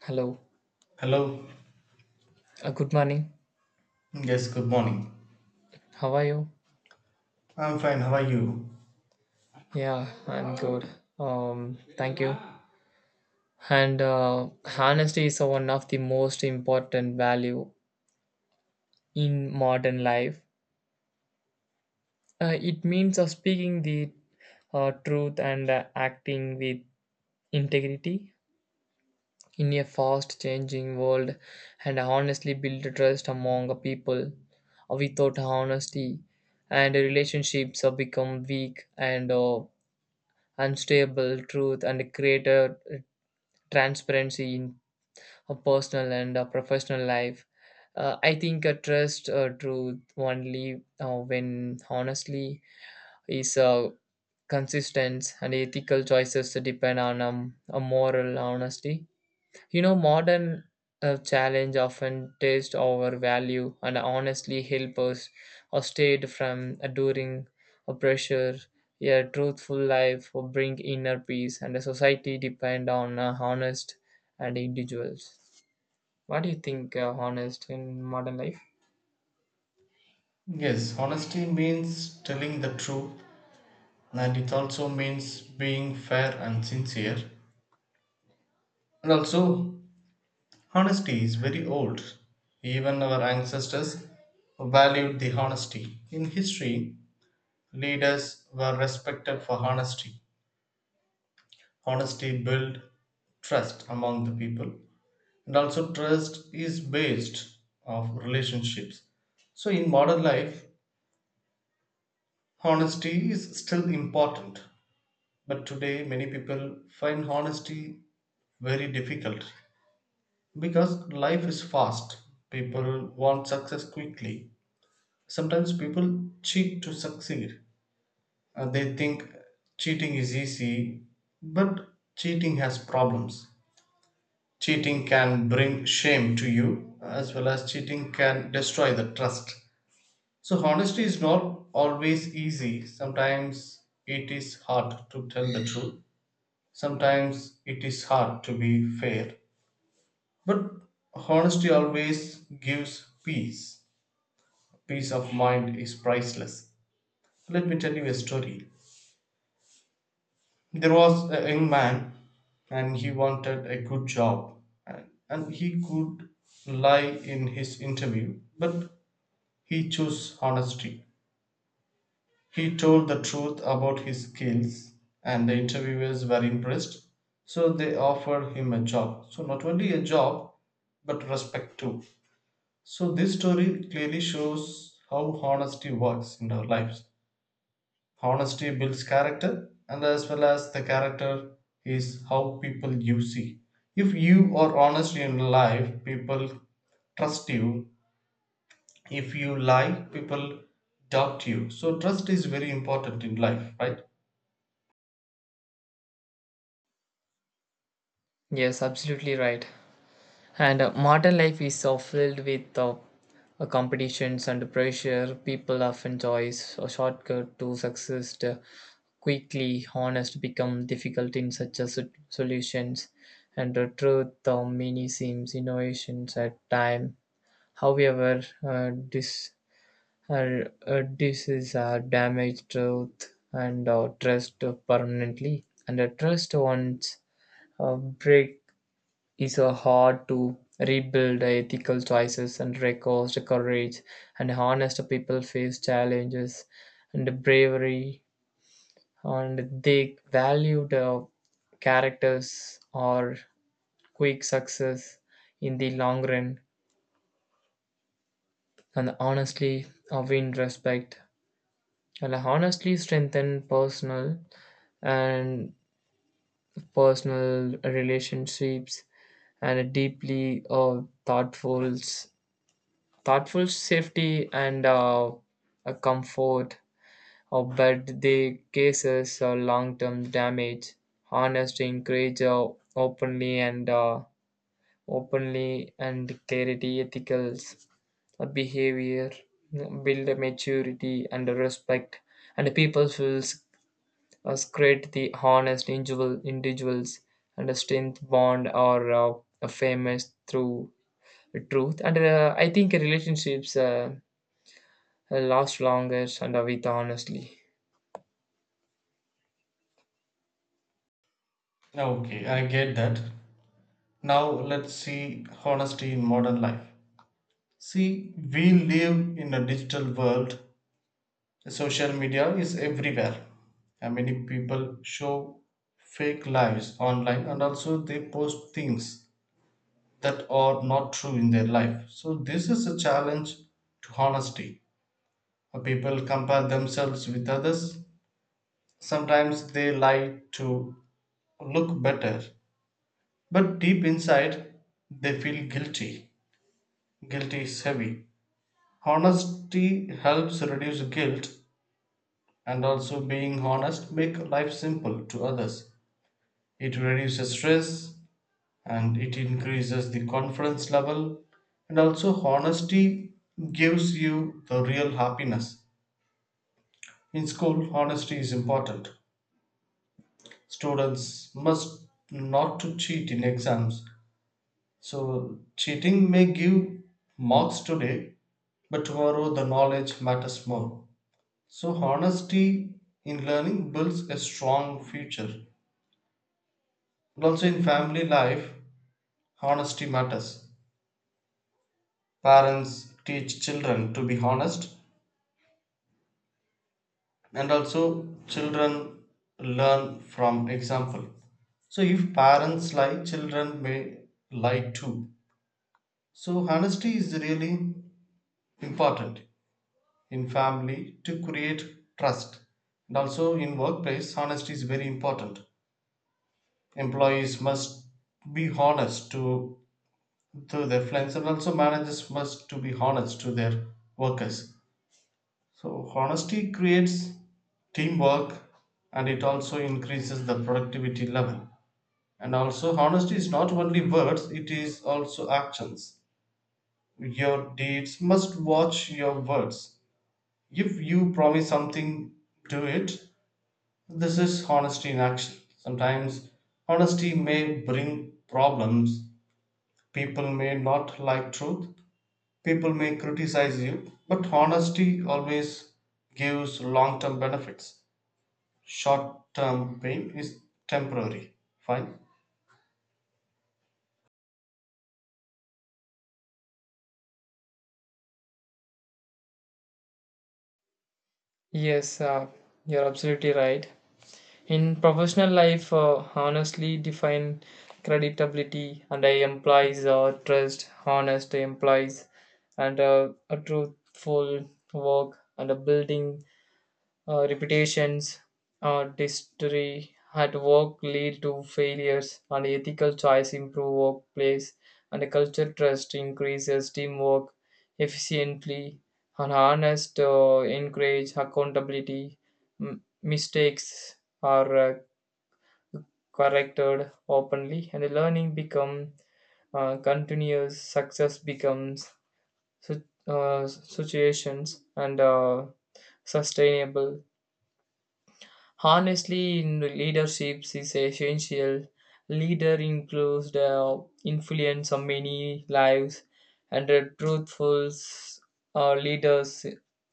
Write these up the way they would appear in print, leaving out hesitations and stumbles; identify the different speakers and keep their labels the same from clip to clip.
Speaker 1: Hello.
Speaker 2: Hello.
Speaker 1: Good morning.
Speaker 2: Yes, good morning.
Speaker 1: How are you?
Speaker 2: I'm fine. How are you?
Speaker 1: Yeah, I'm good. Thank you. And honesty is one of the most important value in modern life. It means of speaking the truth and acting with integrity in a fast changing world, and honestly build trust among the people. Without honesty and relationships have become weak, and unstable truth and create a transparency in a personal and a professional life. I think a trust truth only when honestly is consistent, and ethical choices depend on a moral honesty. Modern challenge often test our value, and honestly help us or stayed from enduring a pressure. A truthful life will bring inner peace, and a society depend on honest and individuals. What do you think, honest in modern life?
Speaker 2: Yes, honesty means telling the truth and it also means being fair and sincere. And also, honesty is very old. Even our ancestors valued the honesty. In history, leaders were respected for honesty. Honesty built trust among the people. And also trust is based of relationships. So in modern life, honesty is still important, but today many people find honesty very difficult because life is fast. People want success quickly. Sometimes people cheat to succeed. They think cheating is easy, but cheating has problems. Cheating can bring shame to you, as well as cheating can destroy the trust. So, honesty is not always easy. Sometimes it is hard to tell the truth. Sometimes it is hard to be fair, but honesty always gives peace. Peace of mind is priceless. Let me tell you a story. There was a young man and he wanted a good job, and he could lie in his interview, but he chose honesty. He told the truth about his skills, and the interviewers were impressed. So they offered him a job. So, not only a job, but respect too. So, this story clearly shows how honesty works in our lives. Honesty builds character, and as well as the character is how people you see. If you are honest in life, people trust you. If you lie, people doubt you. So, trust is very important in life, right?
Speaker 1: Yes, absolutely right. And modern life is so filled with competitions and pressure. People often choose a shortcut to success quickly. Honest become difficult in such a solutions, and the truth of many seems innovations at time. However, this is a damaged truth and trust permanently, and a trust once break is a hard to rebuild. Ethical choices and records courage, and honest people face challenges and bravery, and they valued characters or quick success in the long run, and honestly win respect, and honestly strengthen personal and personal relationships, and deeply thoughtful safety and a comfort but the cases long-term damage honest encourage openly and openly and clarity ethicals behavior build a maturity and a respect, and people will create the honest individuals and a strength bond or a famous through truth, and I think relationships last longer and with honestly.
Speaker 2: Okay, I get that. Now let's see honesty in modern life. See, we live in a digital world. Social media is everywhere. And many people show fake lives online, and also they post things that are not true in their life. So this is a challenge to honesty. People compare themselves with others. Sometimes they lie to look better, but deep inside they feel guilty. Guilt is heavy. Honesty helps reduce guilt, and also being honest make life simple to others. It reduces stress and it increases the confidence level, and also honesty gives you the real happiness. In school honesty is important. Students must not to cheat in exams. So cheating may give marks today, but tomorrow the knowledge matters more. So honesty in learning builds a strong future. And also in family life, honesty matters. Parents teach children to be honest, and also children learn from example. So if parents lie, children may lie too. So honesty is really important in family to create trust. And also in workplace, honesty is very important. Employees must be honest to, so their friends and also managers must to be honest to their workers. So honesty creates teamwork and it also increases the productivity level, and also honesty is not only words, it is also actions. Your deeds must watch your words. If you promise something, do it. This is honesty in action. Sometimes honesty may bring problems. People may not like truth. People may criticize you, but honesty always gives long term benefits. Short term pain is temporary. Fine.
Speaker 1: Yes, you're absolutely right. In professional life, honestly define credibility, and I implies trust, honest implies, and a truthful work and a building reputations, history at work lead to failures, and ethical choice improve workplace, and a culture trust increases teamwork efficiently, and honest encourage accountability. Mistakes are corrected openly, and the learning become continuous success becomes situations and sustainable. Honestly, in leadership is essential. Leader includes the influence on many lives, and the truthful leaders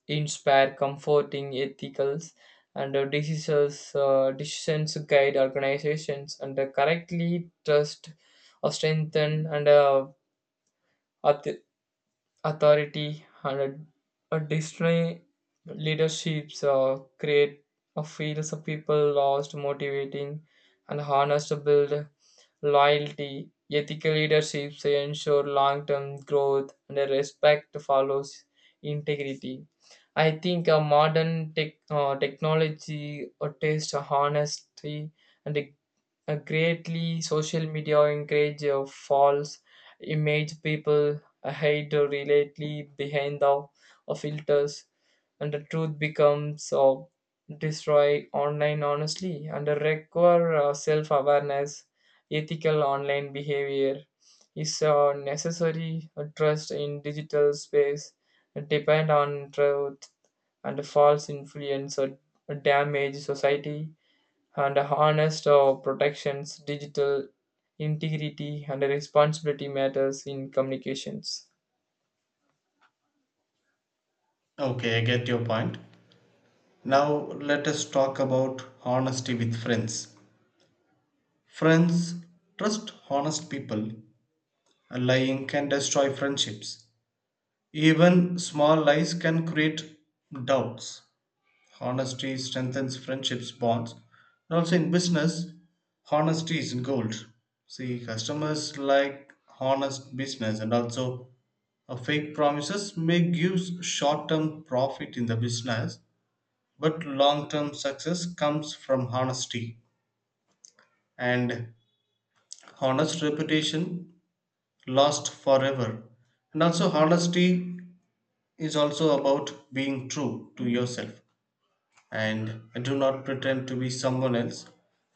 Speaker 1: inspire comforting ethicals and the decisions guide organizations and the correctly trust or strengthen, and authority, and a Disney leaderships create a feels of people lost, motivating, and harness to build loyalty. Ethical leaderships ensure long-term growth, and a respect follows integrity. I think a modern technology attests to honesty, and greatly social media encourage false image people hide relatedly behind the filters, and the truth becomes destroy online honestly, and require self-awareness. Ethical online behavior is necessary. Trust in digital space depend on truth, and false influence or damage society, and honest protections, digital integrity, and responsibility matters in communications.
Speaker 2: Okay, I get your point. Now let us talk about honesty with friends. Friends trust honest people. Lying can destroy friendships. Even small lies can create doubts. Honesty strengthens friendships bonds. And also in business, honesty is gold. See, customers like honest business, and also fake promises may give short-term profit in the business, but long-term success comes from honesty and honest reputation lasts forever. And also honesty is also about being true to yourself, and do not pretend to be someone else.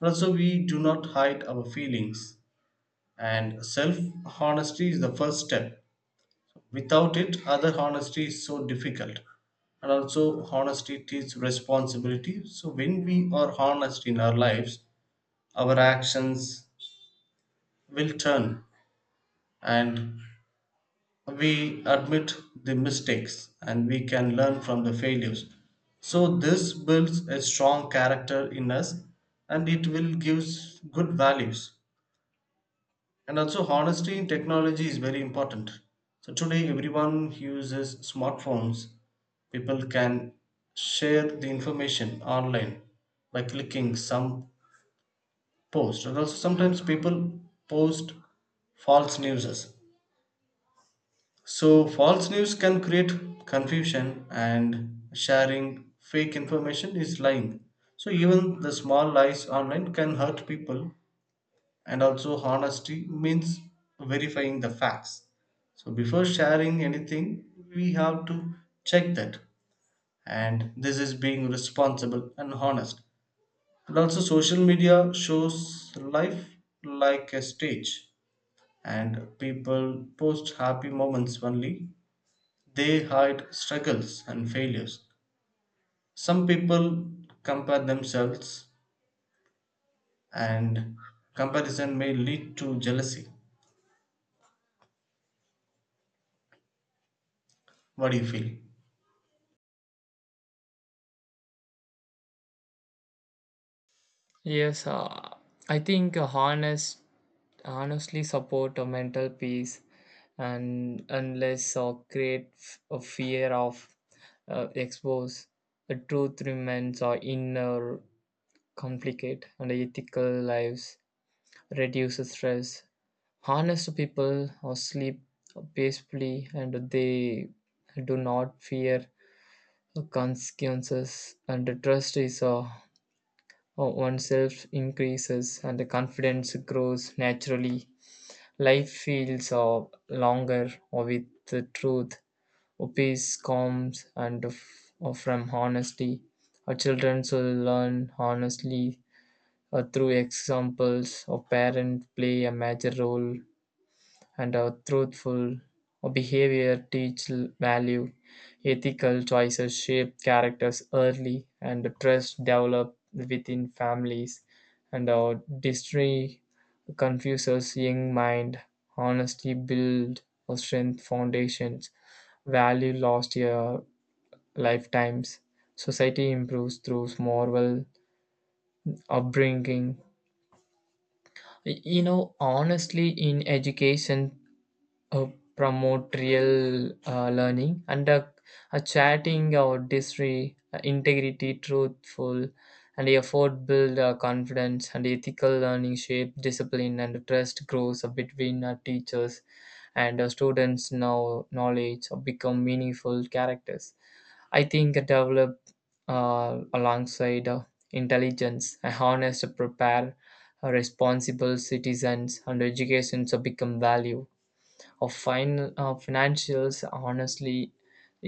Speaker 2: Also, we do not hide our feelings. And self honesty is the first step. Without it, other honesty is so difficult. And also, honesty takes responsibility. So, when we are honest in our lives, our actions will turn, and we admit the mistakes and we can learn from the failures. So this builds a strong character in us and it will give good values. And also honesty in technology is very important. So today everyone uses smartphones. People can share the information online by clicking some post, and also sometimes people post false news. So, false news can create confusion, and sharing fake information is lying. So, even the small lies online can hurt people, and also honesty means verifying the facts. So, before sharing anything, we have to check that, and this is being responsible and honest. And also, social media shows life like a stage, and people post happy moments only. They hide struggles and failures. Some people compare themselves, and comparison may lead to jealousy. What do you feel?
Speaker 1: Yes, I think honestly support a mental peace, and unless or create a fear of expose the truth remains or inner complicate, and ethical lives reduces stress. Honest people sleep peacefully, and they do not fear consequences, and the trust is oneself increases, and the confidence grows naturally. Life feels longer with the truth. Peace comes and from honesty. Our children should learn honestly through examples. Our parents play a major role, and our truthful behavior teach value. Ethical choices shape characters early, and trust develop within families, and our destiny confuses young mind. Honesty build or strength foundations, value lost your lifetimes, society improves through moral upbringing. Honestly in education uh, promotorial learning, and a chatting or disre integrity truthful and effort build confidence, and ethical learning shape discipline, and trust grows between teachers and students. Now knowledge become meaningful characters. I think develop uh, alongside intelligence a honest prepare responsible citizens, and education to become value of financials. Honestly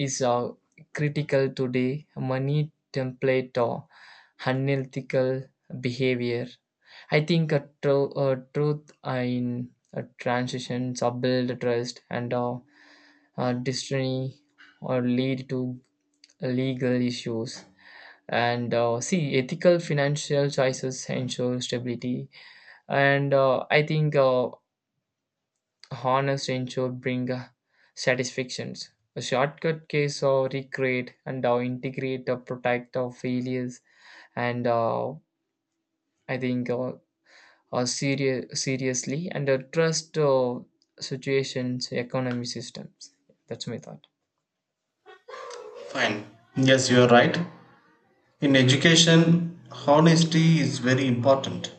Speaker 1: is critical today money template or unethical behavior. I think a truth in a transitions or build trust, and destiny or lead to legal issues, and see ethical financial choices ensure stability, and I think honest ensure bring satisfactions. A shortcut case or recreate, and integrate or protect our failures. And I think seriously, and trust situations, economy systems. That's my thought.
Speaker 2: Fine. Yes, you are right. In education, honesty is very important.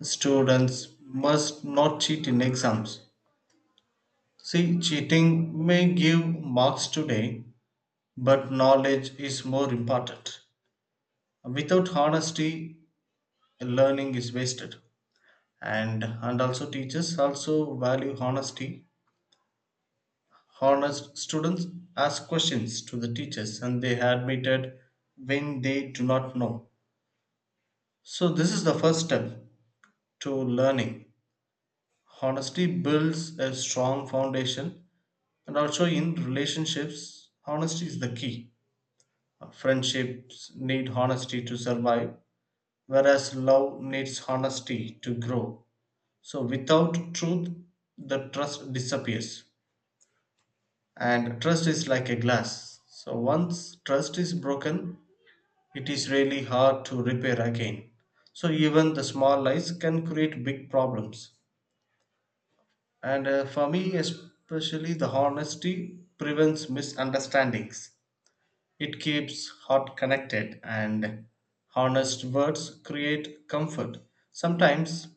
Speaker 2: Students must not cheat in exams. See, cheating may give marks today, but knowledge is more important. Without honesty, learning is wasted. And also teachers also value honesty. Honest students ask questions to the teachers and they admitted when they do not know. So this is the first step to learning. Honesty builds a strong foundation. And also in relationships honesty is the key. Friendships need honesty to survive, whereas love needs honesty to grow. So without truth, the trust disappears, and trust is like a glass. So once trust is broken, it is really hard to repair again. So even the small lies can create big problems, and for me especially the honesty prevents misunderstandings. It keeps heart connected, and honest words create comfort. Sometimes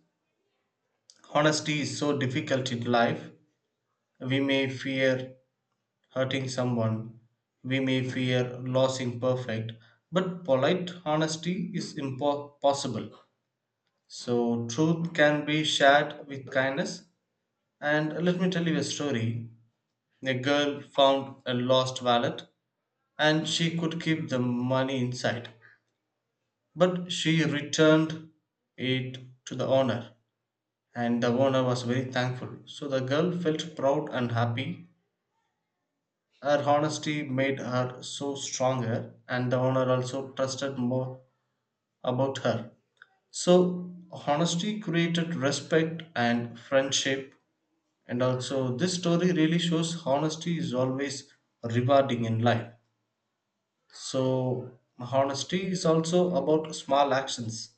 Speaker 2: honesty is so difficult in life. We may fear hurting someone. We may fear losing perfect, but polite honesty is possible. So, truth can be shared with kindness. And let me tell you a story. A girl found a lost wallet and she could keep the money inside, but she returned it to the owner, and the owner was very thankful. So, the girl felt proud and happy. Her honesty made her so stronger, and the owner also trusted more about her. So, honesty created respect and friendship, and also this story really shows honesty is always rewarding in life. So, honesty is also about small actions.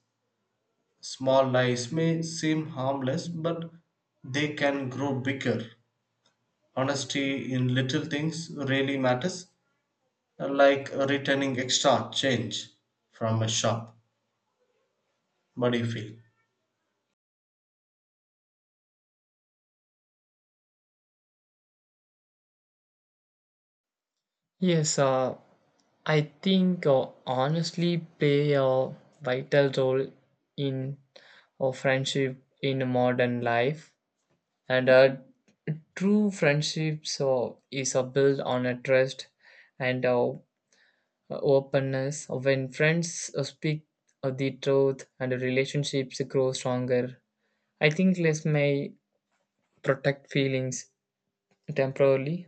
Speaker 2: Small lies may seem harmless, but they can grow bigger. Honesty in little things really matters, like returning extra change from a shop. What do you feel?
Speaker 1: Yes, I think honestly play a vital role in friendship in modern life. And true friendship so is built on a trust and openness. When friends speak of the truth, and the relationships grow stronger. I think less may protect feelings temporarily,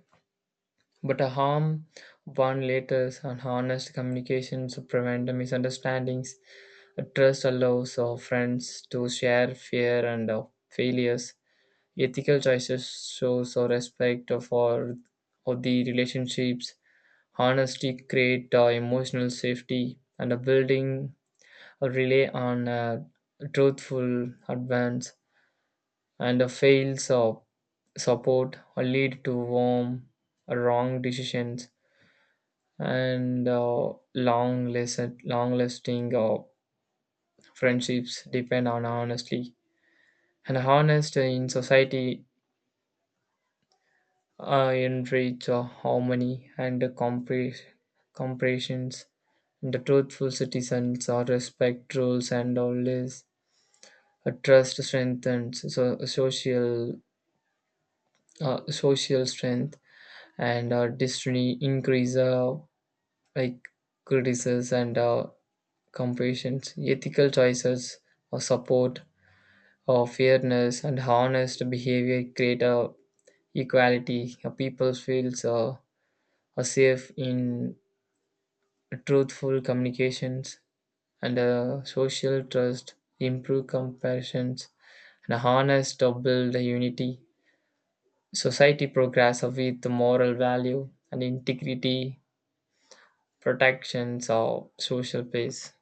Speaker 1: but a harm one later, and honest communications to prevent the misunderstandings. Trust allows friends to share fear and failures. Ethical choices shows a respect for of the relationships. Honesty create emotional safety and a building a rely on truthful advance, and a fails of support or lead to warm wrong decisions, and long lasting friendships depend on honesty, and honest in society enrich harmony and compressions. The truthful citizens respect rules, and always trust strengthens so, social strength, and destiny increase like criticisms and compassions. Ethical choices support fairness, and honest behavior create equality. People feels are safe in truthful communications, and social trust improve comparisons, and harness to build the unity. Society progress with moral value and integrity protections of social peace.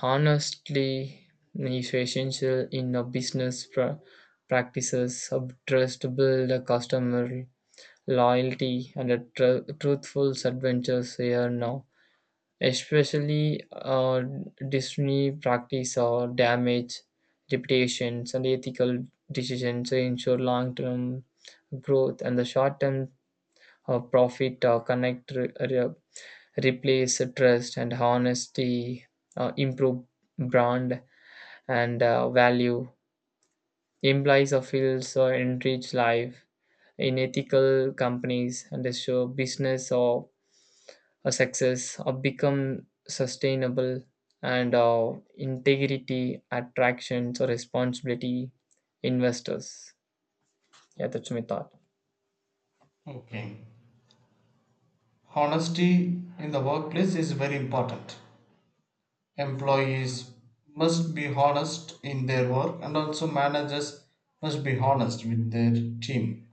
Speaker 1: Honestly is essential in a business practices of trust to build a customer loyalty, and a truthful adventures here now, especially Disney practice or damage reputations, and ethical decisions to ensure long-term growth, and the short-term profit connect replace trust, and honesty improve brand and value implies a feels or enrich life in ethical companies, and show business or a success or become sustainable, and integrity attractions or responsibility investors. Yeah, that's my thought.
Speaker 2: Okay. Honesty in the workplace is very important. Employees must be honest in their work, and also managers must be honest with their team.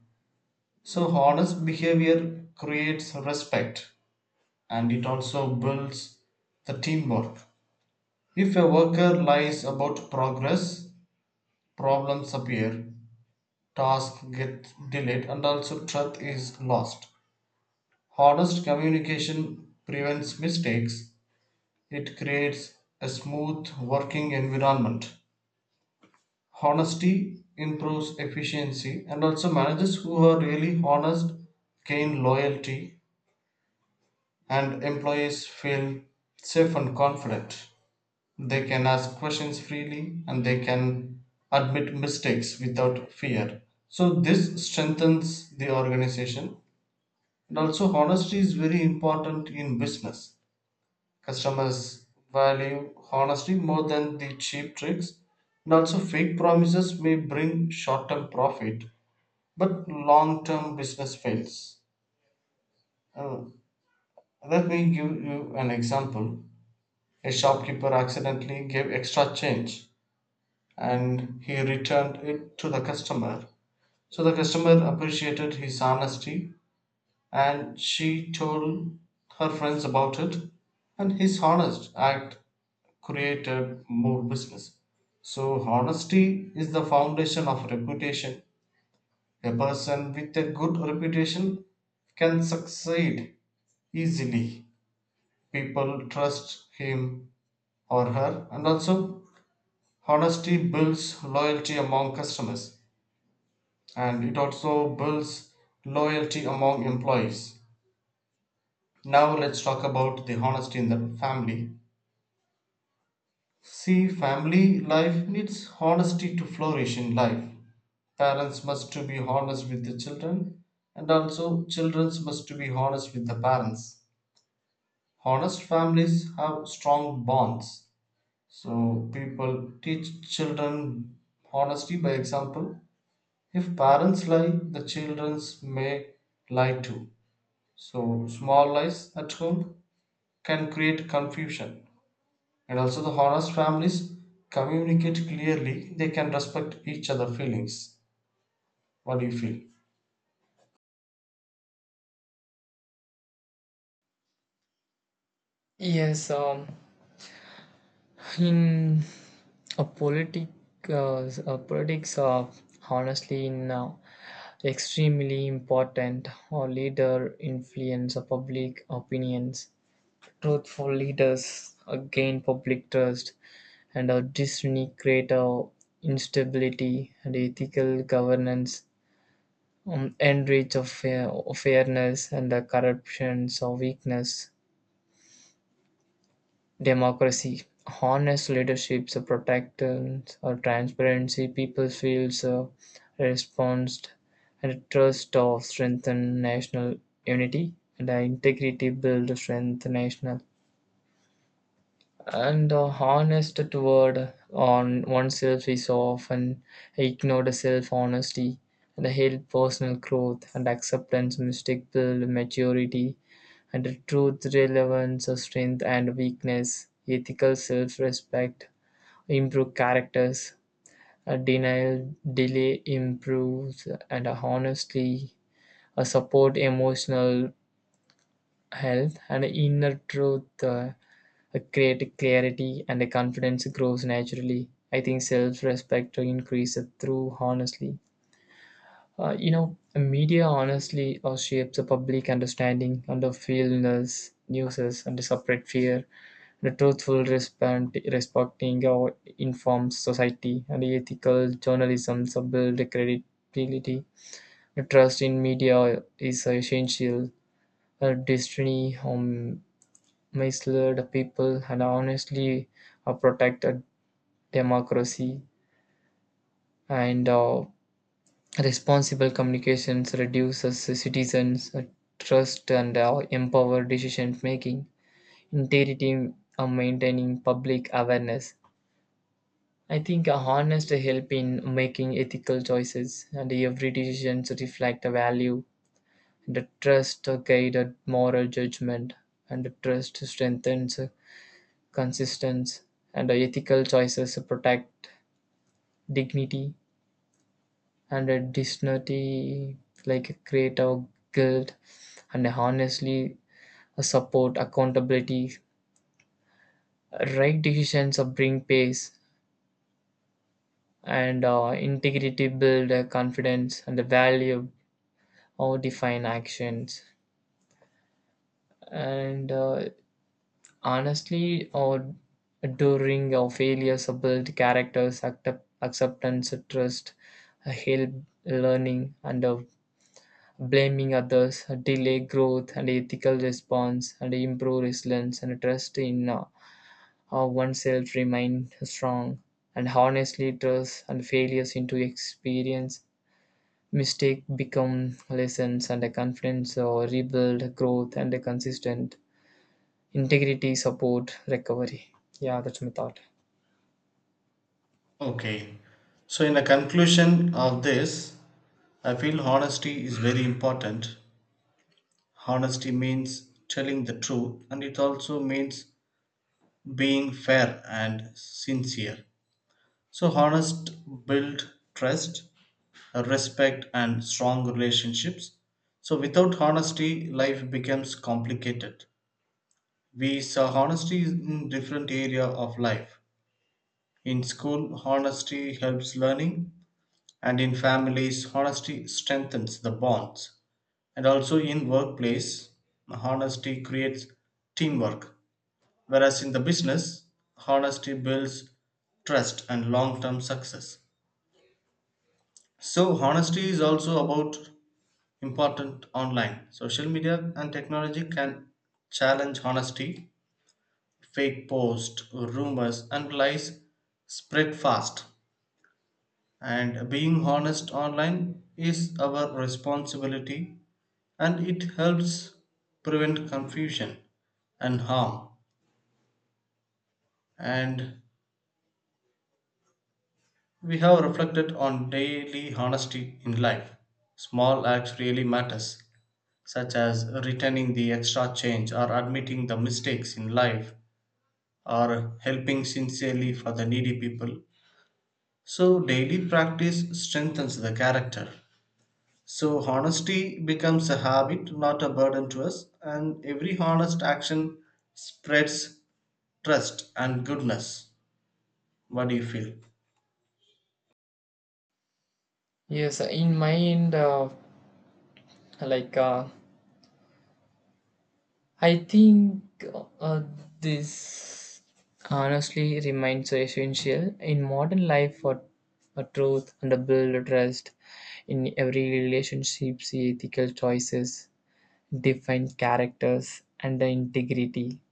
Speaker 2: So, honest behavior creates respect and it also builds the teamwork. If a worker lies about progress, problems appear, tasks get delayed, and also truth is lost. Honest communication prevents mistakes, it creates a smooth working environment. Honesty improves efficiency, and also managers who are really honest gain loyalty, and employees feel safe and confident. They can ask questions freely and they can admit mistakes without fear. So, this strengthens the organization. And also, honesty is very important in business. Customers value honesty more than the cheap tricks. And also, fake promises may bring short term profit, but long term business fails. Uh, let me give you an example. A shopkeeper accidentally gave extra change and he returned it to the customer. So, the customer appreciated his honesty and she told her friends about it, and his honest act created more business. So honesty is the foundation of reputation. A person with a good reputation can succeed easily. People trust him or her, and also honesty builds loyalty among customers and it also builds loyalty among employees. Now let's talk about the honesty in the family. See, family life needs honesty to flourish in life. Parents must to be honest with the children, and also children must to be honest with the parents. Honest families have strong bonds. So people teach children honesty by example. If parents lie, the children may lie too. So small lies at home can create confusion, and also the honest families communicate clearly. They can respect each other feelings. What do you feel?
Speaker 1: Yes, in a uh, politics are honestly now extremely important or leader influence of public opinions. Truthful leaders gain public trust, and a destiny creator instability, and ethical governance enrich of fairness, and the corruptions or weakness democracy. Honest leaderships a protectance or transparency, people feels a response, and trust of strengthen national unity, and the integrity build strength national. And honest toward on oneself is often ignored. Self-honesty and help personal growth, and acceptance mistake build maturity, and the truth relevance of strength and weakness ethical self-respect improve characters, a denial delay improves, and honestly a support emotional health, and inner truth a great clarity, and the confidence grows naturally. I think self-respect increases through honestly. Media honestly shapes a public understanding, and the feelness, nuisance, and the separate fear. The truthful respond, respecting or informs society, and the ethical journalism so build the credibility. The trust in media is essential. Destiny misled people, and honestly are protected democracy, and responsible communications reduces citizens' trust and empower decision making. Integrity maintaining public awareness. I think a honest help in making ethical choices, and every decision to reflect a value, and a trust a guided moral judgment, and the trust strengthens consistency, and the ethical choices protect dignity, and a dignity like create our guilt, and honestly a support accountability, right decisions of bring pace, and integrity build confidence, and the value or define actions, and honestly or during our failures or build characters acceptance trust help learning, and blaming others delay growth, and ethical response and improve resilience, and trust in oneself remain strong, and honestly trust and failures into experience mistake become lessons, and a confidence or rebuild growth, and a consistent integrity support recovery. Yeah, that's my thought.
Speaker 2: Okay. So, in the conclusion of this, I feel honesty is very important. Honesty means telling the truth and it also means being fair and sincere. So, honest build trust, respect and strong relationships. So, without honesty, life becomes complicated. We saw honesty in different area of life. In school, honesty helps learning, and in families, honesty strengthens the bonds. And also in workplace, honesty creates teamwork. Whereas in the business, honesty builds trust and long-term success. So honesty is also about important online. Social media and technology can challenge honesty. Fake posts, rumors, and lies spread fast, and being honest online is our responsibility and it helps prevent confusion and harm. And we have reflected on daily honesty in life. Small acts really matters, such as returning the extra change or admitting the mistakes in life or helping sincerely for the needy people. So, daily practice strengthens the character. So, honesty becomes a habit, not a burden to us, and every honest action spreads trust and goodness. What do you feel?
Speaker 1: Yes, in my end like uh, I think uh, this honestly remains so essential in modern life for a truth and a build trust in every relationship. See ethical choices, define characters, and the integrity,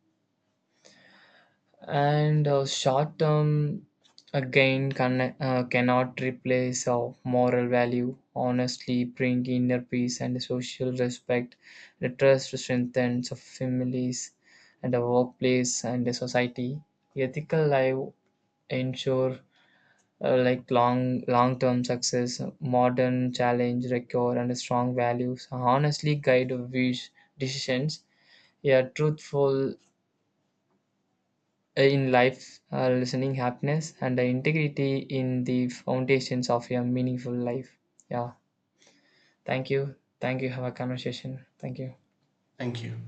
Speaker 1: and short term again, cannot replace moral value. Honestly bring inner peace and social respect, the trust strengthens of families and the workplace and the society. Ethical life ensure like long term success modern challenge record, and strong values honestly guide of wish decisions a truthful in life, listening happiness, and the integrity in the foundations of a meaningful life. Yeah, thank you. Thank you. Have a conversation. Thank you.
Speaker 2: Thank you.